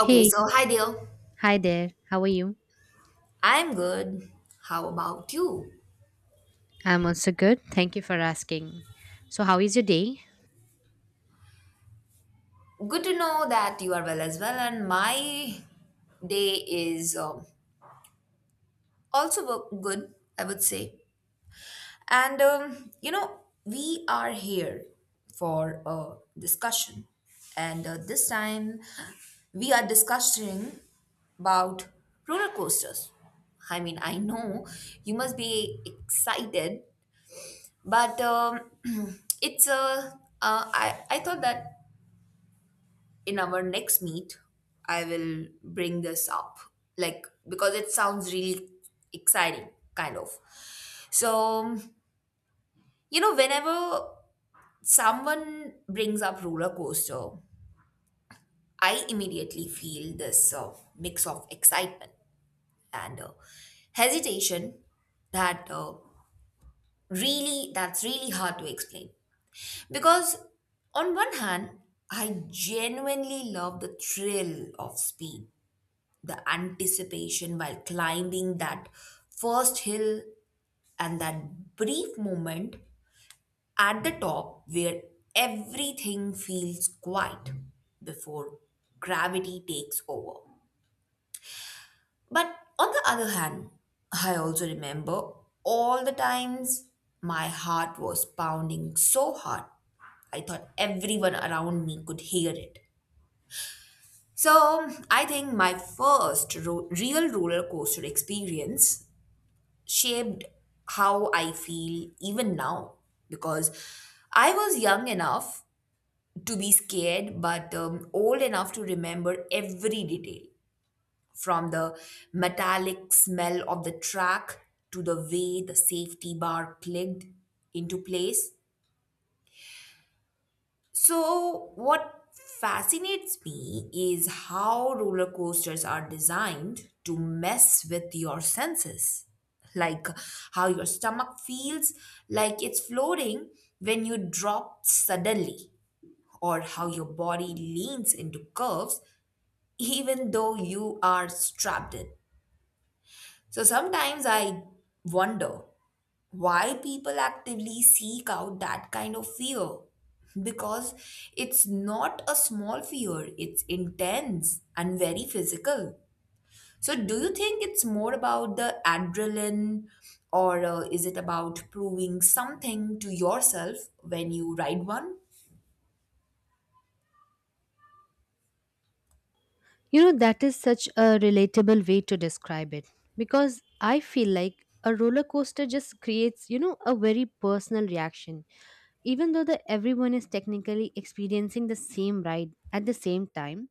Okay, Hey, so hi Dale. hi there. How are you? I'm good. How about you? I'm also good. Thank you for asking. So, how is your day? Good to know that you are well as well, and my day is also good, I would say. And we are here for a discussion, and this time we are discussing about roller coasters. I mean, I know you must be excited, but it's a. I thought that in our next meet, I will bring this up, like, because it sounds really exciting, kind of. So, you know, whenever someone brings up roller coaster, I immediately feel this mix of excitement and hesitation that uh, that's really hard to explain because on one hand I genuinely love the thrill of speed, the anticipation while climbing that first hill, and that brief moment at the top where everything feels quiet before gravity takes over. But on the other hand, I also remember all the times my heart was pounding so hard. I thought everyone around me could hear it. So I think my real roller coaster experience shaped how I feel even now because I was young enough to be scared, but old enough to remember every detail from the metallic smell of the track to the way the safety bar clicked into place. So, what fascinates me is how roller coasters are designed to mess with your senses. Like how your stomach feels like it's floating when you drop suddenly, or how your body leans into curves even though you are strapped in. So, sometimes I wonder why people actively seek out that kind of fear, because it's not a small fear, it's intense and very physical. So do you think it's more about the adrenaline, or is it about proving something to yourself when you ride one? That is such a relatable way to describe it because I feel like a roller coaster just creates a very personal reaction. Even though the everyone is technically experiencing the same ride at the same time,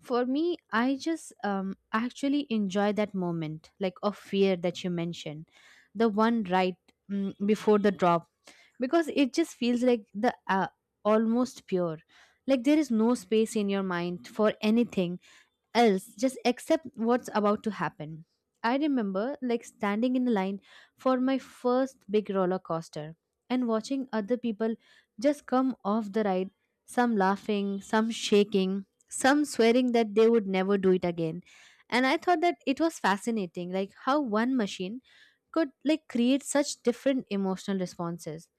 for me, I just actually enjoy that moment, like of fear that you mentioned the one right before the drop because it just feels like the almost pure, like there is no space in your mind for anything else, just accept what's about to happen. I remember like standing in the line for my first big roller coaster and watching other people just come off the ride, some laughing, some shaking, some swearing that they would never do it again. And I thought that it was fascinating, like how one machine could like create such different emotional responses.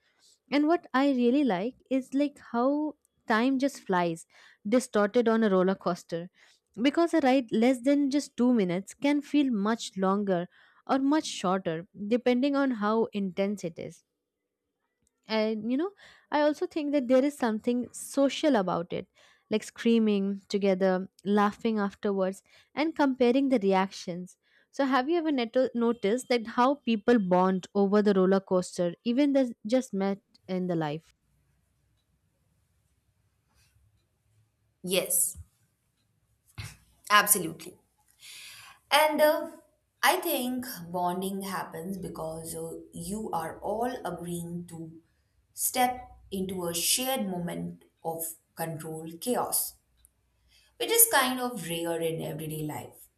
And what I really like is like how time just flies, distorted on a roller coaster. Because a ride less than just 2 minutes can feel much longer or much shorter, depending on how intense it is. And I also think that there is something social about it, like screaming together, laughing afterwards, and comparing the reactions. So have you ever noticed that how people bond over the roller coaster even they just met in the life? Yes, absolutely. And I think bonding happens because you are all agreeing to step into a shared moment of controlled chaos, which is kind of rare in everyday life.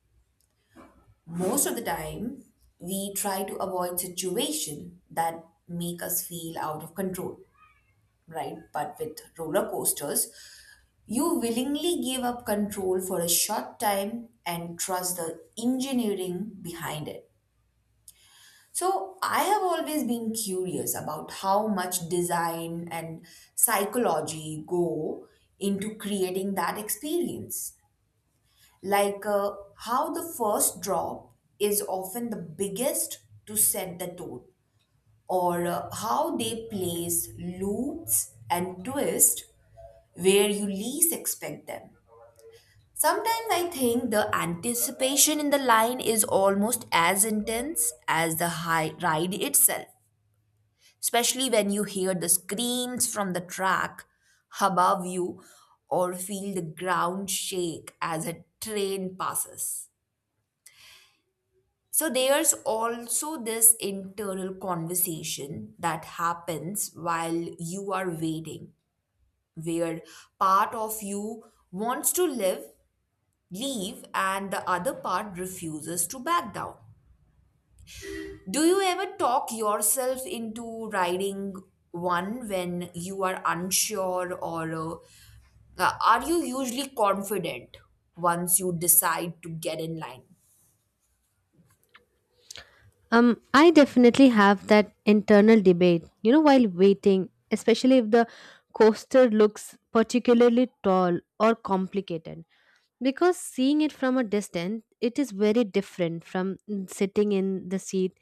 Most of the time, we try to avoid situations that make us feel out of control, right? But with roller coasters, you willingly give up control for a short time and trust the engineering behind it. So, I have always been curious about how much design and psychology go into creating that experience. Like how the first drop is often the biggest to set the tone, or how they place loops and twists where you least expect them. Sometimes I think the anticipation in the line is almost as intense as the high ride itself, especially when you hear the screams from the track above you or feel the ground shake as a train passes. So there's also this internal conversation that happens while you are waiting, where part of you wants to live, leave, and the other part refuses to back down. Do you ever talk yourself into riding one when you are unsure, or are you usually confident once you decide to get in line? I definitely have that internal debate while waiting, especially if the coaster looks particularly tall or complicated, because seeing it from a distance it is very different from sitting in the seat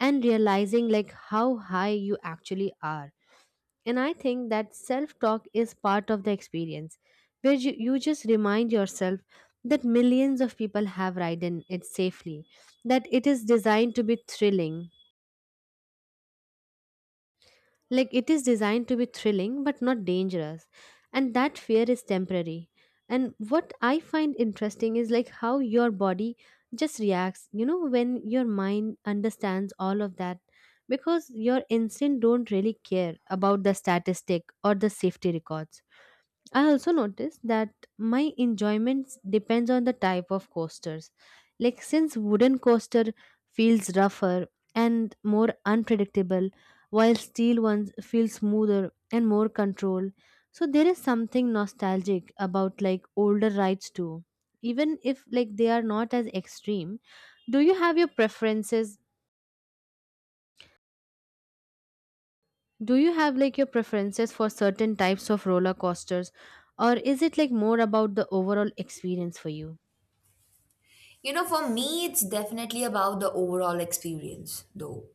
and realizing like how high you actually are. And I think that self talk is part of the experience, where you just remind yourself that millions of people have ridden it safely, that it is designed to be thrilling. Like it is designed to be thrilling but not dangerous. And that fear is temporary. And what I find interesting is like how your body just reacts, when your mind understands all of that, because your instinct don't really care about the statistic or the safety records. I also noticed that my enjoyment depends on the type of coasters. Like since wooden coaster feels rougher and more unpredictable, while steel ones feel smoother and more controlled. So there is something nostalgic about like older rides too. Even if like they are not as extreme, do you have your preferences? Do you have like your preferences for certain types of roller coasters, or is it like more about the overall experience for you? You know, for me, it's definitely about the overall experience, though.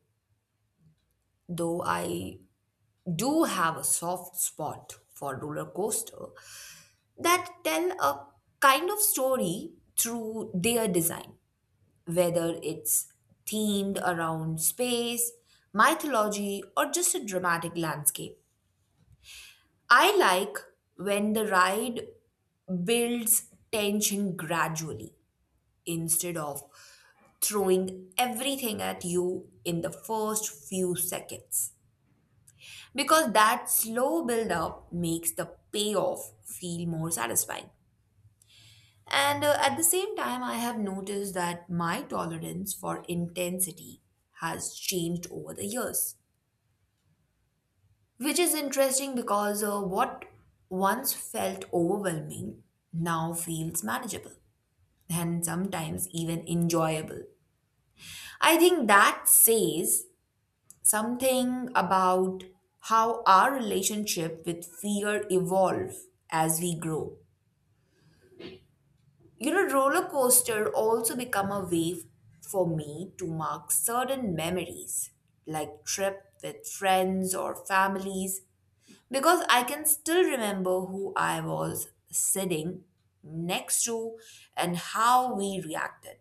Though I do have a soft spot for roller coaster that tell a kind of story through their design, whether it's themed around space, mythology, or just a dramatic landscape. I like when the ride builds tension gradually instead of throwing everything at you in the first few seconds, because that slow build up makes the payoff feel more satisfying. And at the same time, I have noticed that my tolerance for intensity has changed over the years, which is interesting because what once felt overwhelming now feels manageable and sometimes even enjoyable. I think that says something about how our relationship with fear evolve as we grow. You know, roller coaster also become a way for me to mark certain memories, like trip with friends or families, because I can still remember who I was sitting next to and how we reacted.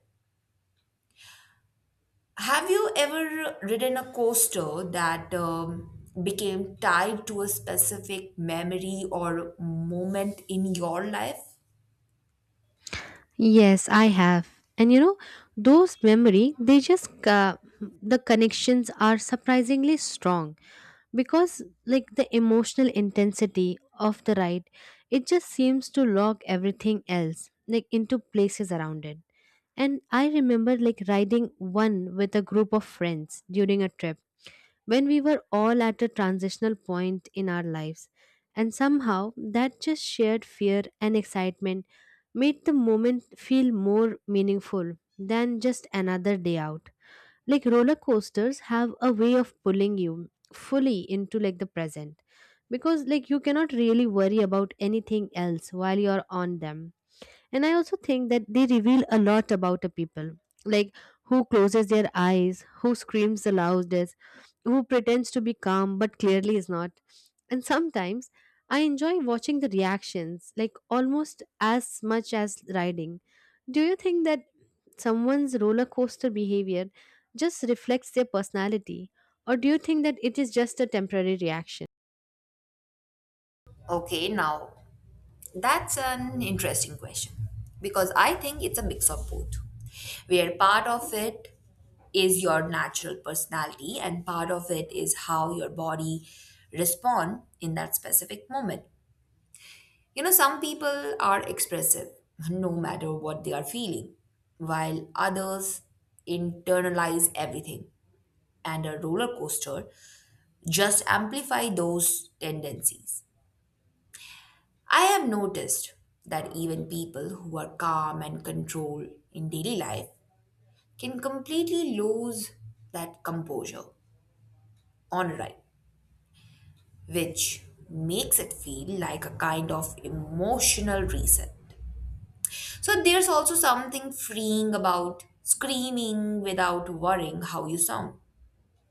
Have you ever ridden a coaster that became tied to a specific memory or moment in your life? Yes, I have. And those memory, the connections are surprisingly strong, because like the emotional intensity of the ride, it just seems to lock everything else like into places around it. And I remember like riding one with a group of friends during a trip when we were all at a transitional point in our lives. And somehow, that just shared fear and excitement made the moment feel more meaningful than just another day out. Like roller coasters have a way of pulling you fully into like the present, because like you cannot really worry about anything else while you're on them. And I also think that they reveal a lot about a people, like who closes their eyes, who screams the loudest, who pretends to be calm but clearly is not. And sometimes I enjoy watching the reactions, like almost as much as riding. Do you think that someone's roller coaster behavior just reflects their personality, or do you think that it is just a temporary reaction? Okay, now, that's an interesting question because I think it's a mix of both, where part of it is your natural personality and part of it is how your body respond in that specific moment. You know, some people are expressive no matter what they are feeling, while others internalize everything, and a roller coaster just amplify those tendencies. I have noticed that even people who are calm and controlled in daily life can completely lose that composure on a ride, which makes it feel like a kind of emotional reset. So there's also something freeing about screaming without worrying how you sound,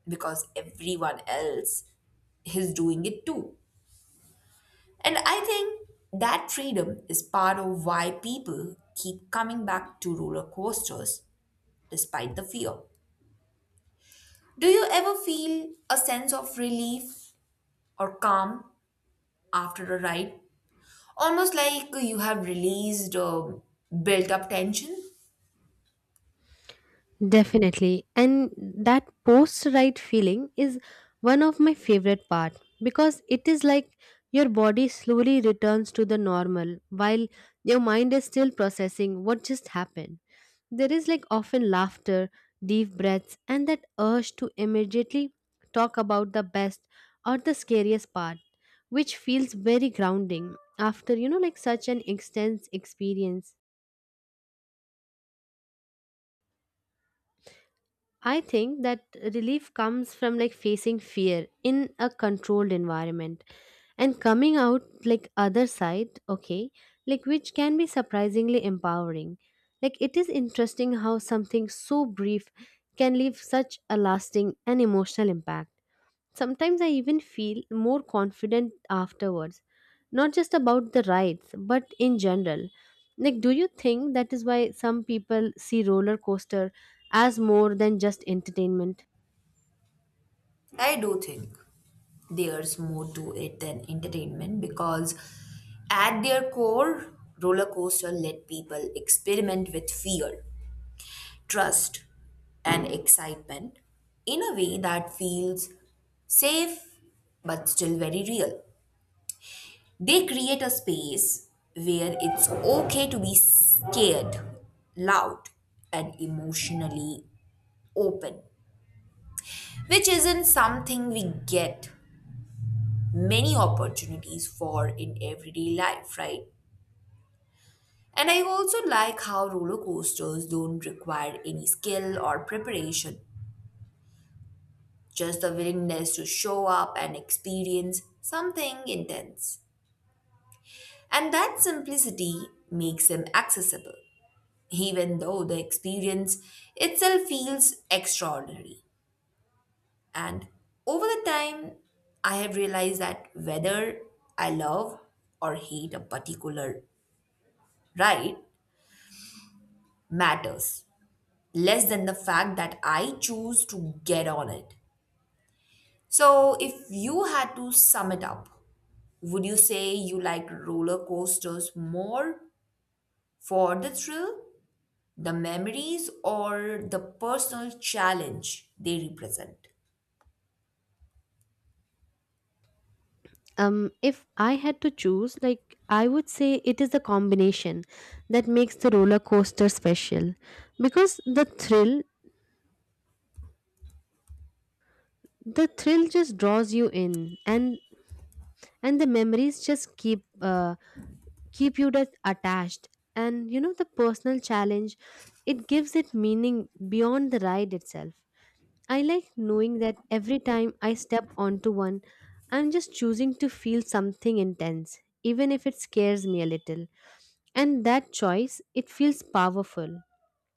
because everyone else is doing it too. And I think that freedom is part of why people keep coming back to roller coasters despite the fear. Do you ever feel a sense of relief or calm after a ride? Almost like you have released built up tension? Definitely. And that post ride feeling is one of my favorite part, because it is like your body slowly returns to the normal while your mind is still processing what just happened. There is like often laughter, deep breaths, and that urge to immediately talk about the best or the scariest part, which feels very grounding after like such an intense experience. I think that relief comes from like facing fear in a controlled environment and coming out like other side, okay, like which can be surprisingly empowering. Like it is interesting how something so brief can leave such a lasting and emotional impact. Sometimes I even feel more confident afterwards, not just about the rides, but in general. Like, do you think that is why some people see roller coaster as more than just entertainment? I do think there's more to it than entertainment, because at their core, roller coaster let people experiment with fear, trust, and excitement in a way that feels safe but still very real. They create a space where it's okay to be scared, loud, and emotionally open, which isn't something we get many opportunities for in everyday life, right? And I also like how roller coasters don't require any skill or preparation, just the willingness to show up and experience something intense. And that simplicity makes him accessible, even though the experience itself feels extraordinary. And over the time, I have realized that whether I love or hate a particular ride matters less than the fact that I choose to get on it. So, if you had to sum it up, would you say you like roller coasters more for the thrill, the memories, or the personal challenge they represent? If I had to choose, like, I would say it is the combination that makes the roller coaster special, because the thrill just draws you in, and the memories just keep you that attached. And the personal challenge, it gives it meaning beyond the ride itself. I like knowing that every time I step onto one, I'm just choosing to feel something intense even if it scares me a little. And that choice, it feels powerful,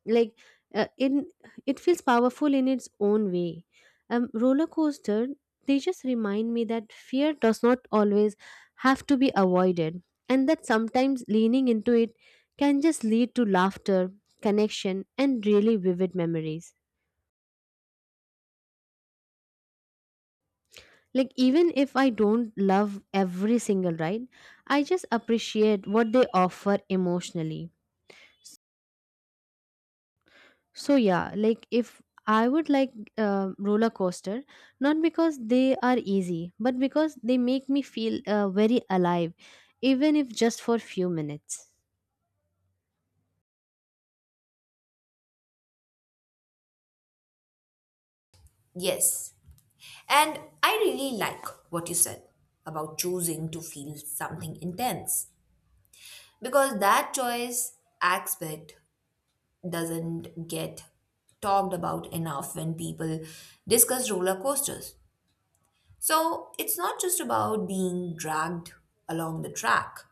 like in it feels powerful in its own way. Roller coaster, they just remind me that fear does not always have to be avoided, and that sometimes leaning into it can just lead to laughter, connection, and really vivid memories. Like even if I don't love every single ride, I just appreciate what they offer emotionally. So yeah, like if I would like roller coaster, not because they are easy, but because they make me feel very alive, even if just for few minutes. Yes. And I really like what you said about choosing to feel something intense, because that choice aspect doesn't get talked about enough when people discuss roller coasters. So it's not just about being dragged along the track,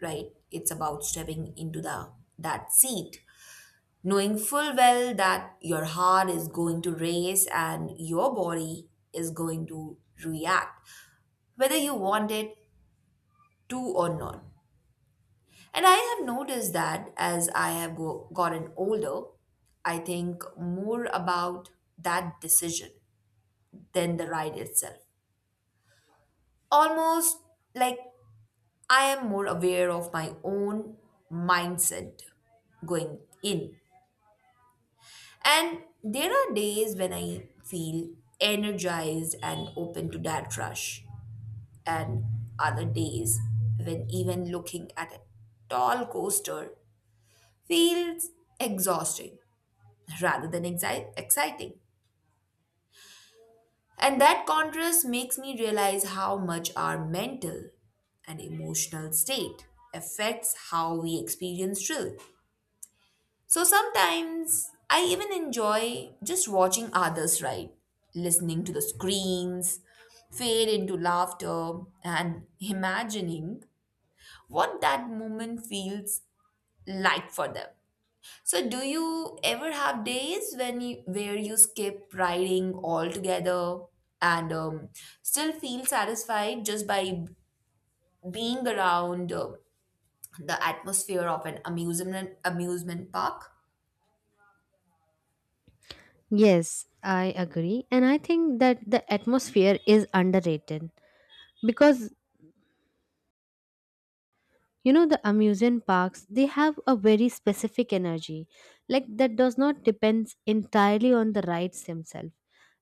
right? It's about stepping into the that seat, knowing full well that your heart is going to race and your body is going to react, whether you want it to or not. And I have noticed that as I have gotten older, I think more about that decision than the ride itself. Almost like I am more aware of my own mindset going in. And there are days when I feel energized and open to that rush, and other days when even looking at a tall coaster feels exhausting rather than exciting. And that contrast makes me realize how much our mental and emotional state affects how we experience thrill. So sometimes I even enjoy just watching others ride, listening to the screams fade into laughter, and imagining what that moment feels like for them. So do you ever have days where you skip riding altogether and still feel satisfied just by being around the atmosphere of an amusement park? Yes, I agree, and I think that the atmosphere is underrated, because the amusement parks, they have a very specific energy, like that does not depends entirely on the rides themselves,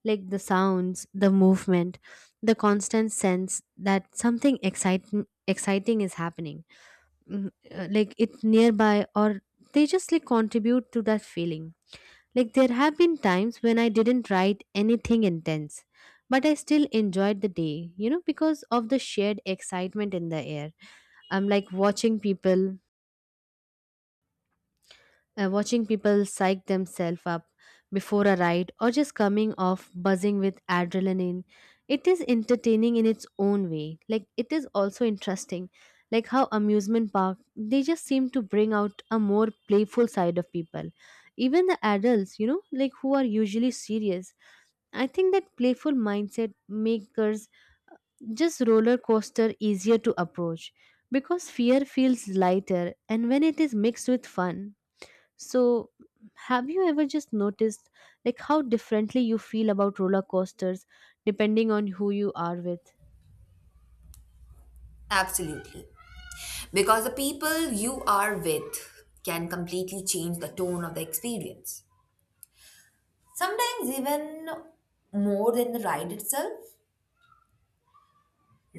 like the sounds, the movement, the constant sense that something exciting is happening. Like it's nearby, or they just like contribute to that feeling. Like, there have been times when I didn't write anything intense, but I still enjoyed the day, because of the shared excitement in the air. I'm like watching watching people psych themselves up before a ride, or just coming off buzzing with adrenaline. It is entertaining in its own way. Like, it is also interesting, like how amusement park, they just seem to bring out a more playful side of people. Even the adults, like who are usually serious. I think that playful mindset makers just roller coaster easier to approach, because fear feels lighter and when it is mixed with fun. So, have you ever just noticed like how differently you feel about roller coasters depending on who you are with? Absolutely. Because the people you are with can completely change the tone of the experience. Sometimes, even more than the ride itself,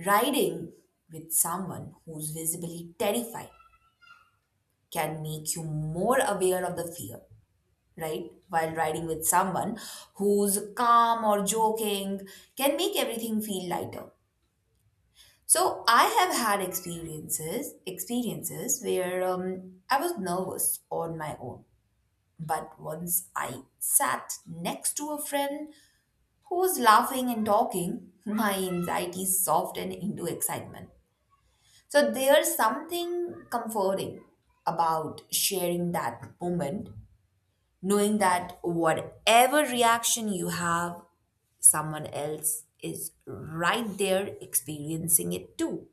riding with someone who's visibly terrified can make you more aware of the fear, right? While riding with someone who's calm or joking can make everything feel lighter. So I have had experiences where I was nervous on my own. But once I sat next to a friend who was laughing and talking, my anxiety softened into excitement. So there's something comforting about sharing that moment, knowing that whatever reaction you have, someone else is right there experiencing it too.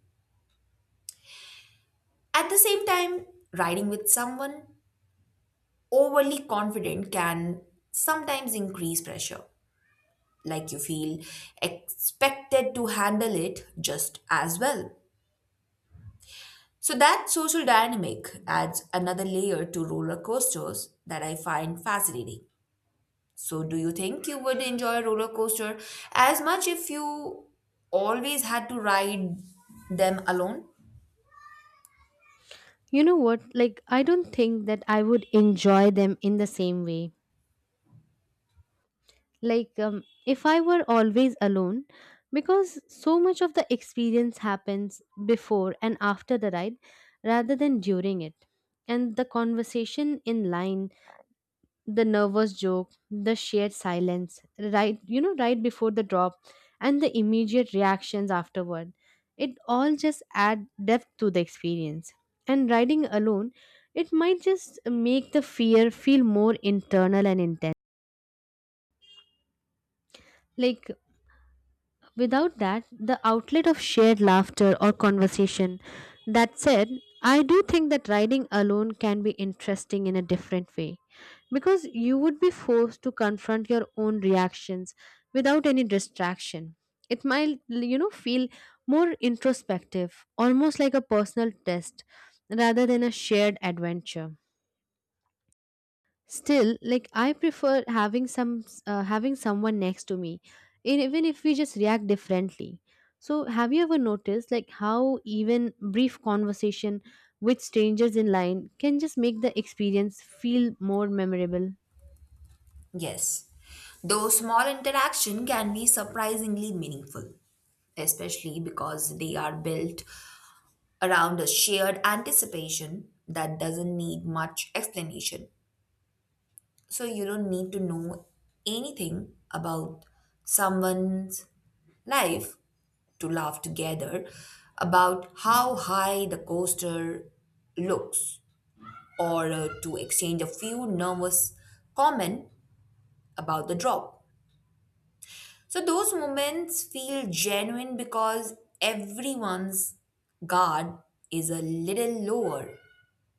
At the same time, riding with someone overly confident can sometimes increase pressure, like you feel expected to handle it just as well. So that social dynamic adds another layer to roller coasters that I find fascinating. So do you think you would enjoy a roller coaster as much if you always had to ride them alone? You know what? Like I don't think that I would enjoy them in the same way, like if I were always alone, because so much of the experience happens before and after the ride rather than during it. And the conversation in line, the nervous joke, the shared silence, right before the drop, and the immediate reactions afterward, it all just add depth to the experience. And riding alone, it might just make the fear feel more internal and intense, like without that, the outlet of shared laughter or conversation. That said, I do think that riding alone can be interesting in a different way, because you would be forced to confront your own reactions without any distraction. It might, feel more introspective, almost like a personal test rather than a shared adventure. Still, like I prefer having someone next to me, and even if we just react differently. So have you ever noticed like how even brief conversation with strangers in line can just make the experience feel more memorable? Yes. Those small interaction can be surprisingly meaningful, especially because they are built around a shared anticipation that doesn't need much explanation. So you don't need to know anything about someone's life to laugh together about how high the coaster looks, or to exchange a few nervous comment about the drop. So those moments feel genuine because everyone's guard is a little lower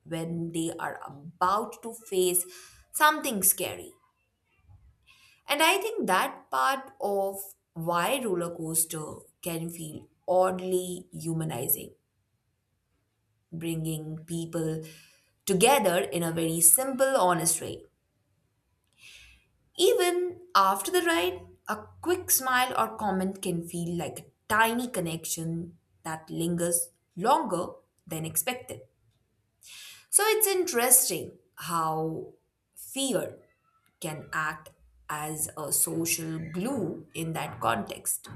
when they are about to face something scary. And I think that part of why roller coaster can feel oddly humanizing, bringing people together in a very simple, honest way. Even after the ride, a quick smile or comment can feel like a tiny connection that lingers longer than expected. So it's interesting how fear can act as a social glue in that context.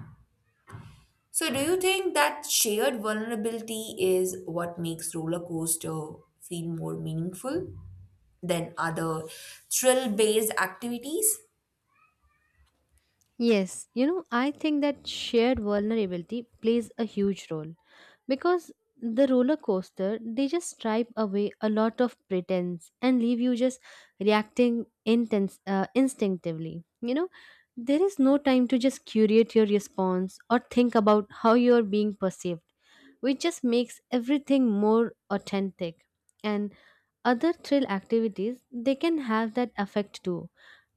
So, do you think that shared vulnerability is what makes roller coaster feel more meaningful than other thrill based activities? Yes, I think that shared vulnerability plays a huge role, because the roller coaster, they just stripe away a lot of pretense and leave you just reacting intense instinctively. There is no time to just curate your response or think about how you are being perceived, which just makes everything more authentic. And other thrill activities, they can have that effect too.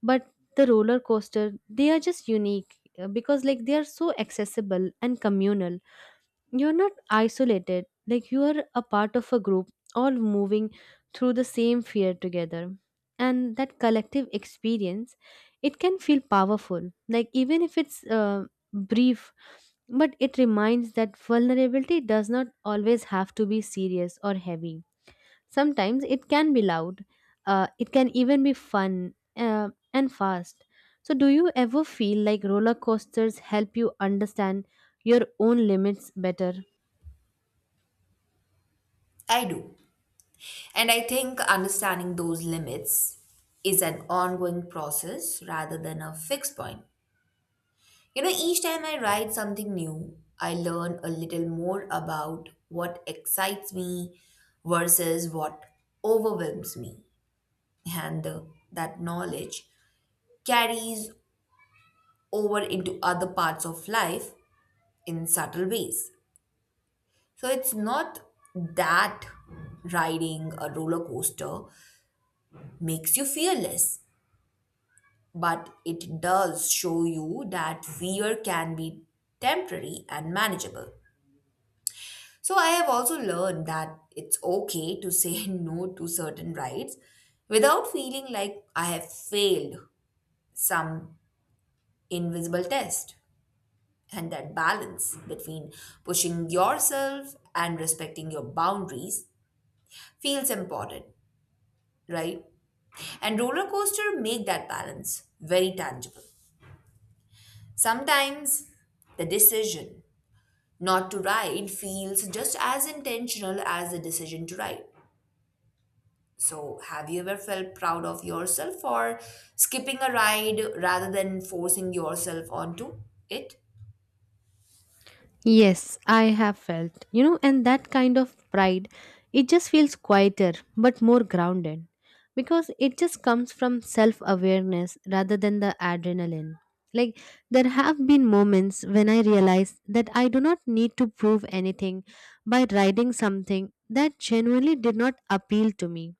But the roller coaster, they are just unique because like they are so accessible and communal. You're not isolated, like you are a part of a group, all moving through the same fear together. And that collective experience, it can feel powerful. Like even if it's brief, but it reminds that vulnerability does not always have to be serious or heavy. Sometimes it can be loud, it can even be fun and fast. So, do you ever feel like roller coasters help you understand your own limits better? I do. And I think understanding those limits is an ongoing process rather than a fixed point. You know, each time I write something new, I learn a little more about what excites me versus what overwhelms me. And that knowledge carries over into other parts of life in subtle ways. So it's not that riding a roller coaster makes you fearless, but it does show you that fear can be temporary and manageable. So I have also learned that it's okay to say no to certain rights without feeling like I have failed some invisible test. And that balance between pushing yourself and respecting your boundaries feels important, right? And roller coaster make that balance very tangible. Sometimes the decision not to ride feels just as intentional as the decision to ride. So, have you ever felt proud of yourself for skipping a ride rather than forcing yourself onto it? Yes, I have felt, you know, and that kind of pride, it just feels quieter but more grounded, because it just comes from self awareness rather than the adrenaline. Like, there have been moments when I realized that I do not need to prove anything by writing something that genuinely did not appeal to me.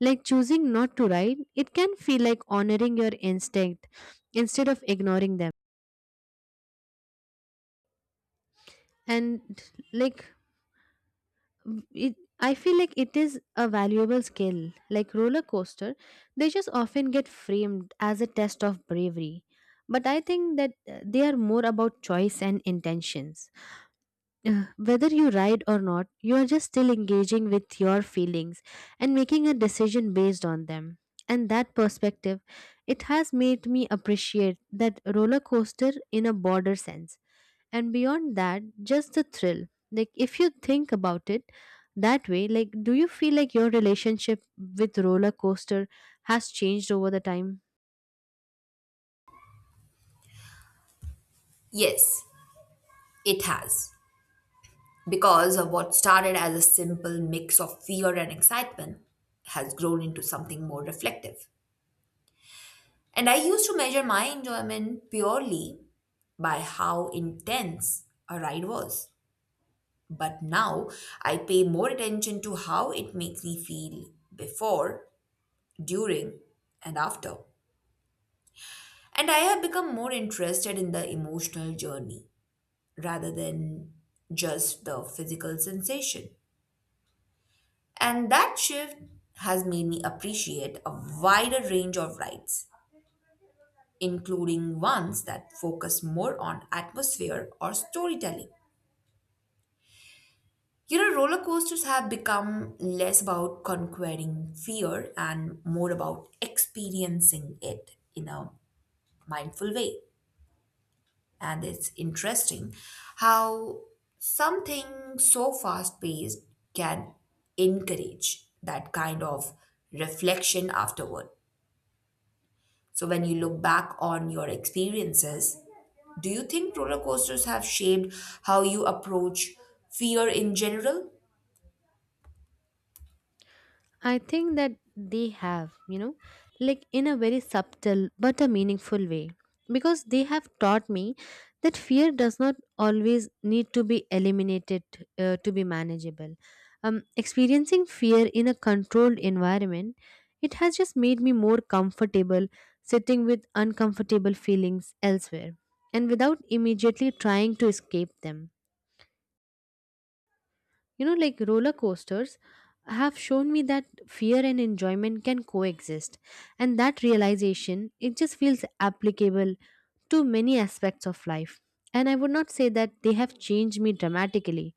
Like, choosing not to write, it can feel like honoring your instinct instead of ignoring them. And, like, it I feel like it is a valuable skill. Like roller coaster, they just often get framed as a test of bravery, but I think that they are more about choice and intentions. Whether you ride or not, you are just still engaging with your feelings and making a decision based on them. And that perspective, it has made me appreciate that roller coaster in a broader sense and beyond that just the thrill. Like if you think about it that way, like do you feel like your relationship with roller coaster has changed over the time? Yes, it has. Because of what started as a simple mix of fear and excitement has grown into something more reflective. And I used to measure my enjoyment purely by how intense a ride was. But now I pay more attention to how it makes me feel before, during, and after. And I have become more interested in the emotional journey rather than just the physical sensation. And that shift has made me appreciate a wider range of rides, including ones that focus more on atmosphere or storytelling. You know, roller coasters have become less about conquering fear and more about experiencing it in a mindful way. And it's interesting how something so fast paced can encourage that kind of reflection afterward. So, when you look back on your experiences, do you think roller coasters have shaped how you approach fear in general? I think that they have, like in a very subtle but a meaningful way. Because they have taught me that fear does not always need to be eliminated to be manageable. Experiencing fear in a controlled environment, it has just made me more comfortable sitting with uncomfortable feelings elsewhere, and without immediately trying to escape them. Like roller coasters have shown me that fear and enjoyment can coexist, and that realization it just feels applicable to many aspects of life. And I would not say that they have changed me dramatically,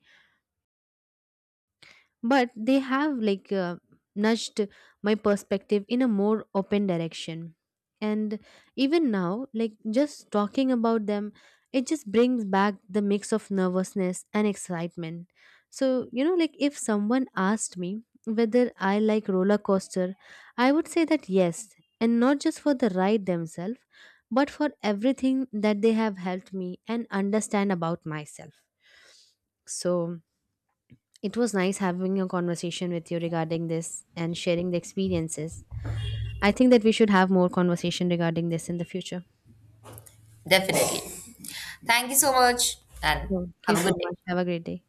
but they have like nudged my perspective in a more open direction. And even now, like just talking about them, it just brings back the mix of nervousness and excitement. So like if someone asked me whether I like roller coaster, I would say that yes, and not just for the ride themselves, but for everything that they have helped me and understand about myself. So it was nice having a conversation with you regarding this and sharing the experiences. I think that we should have more conversation regarding this in the future. Thank you so much. Have a great day.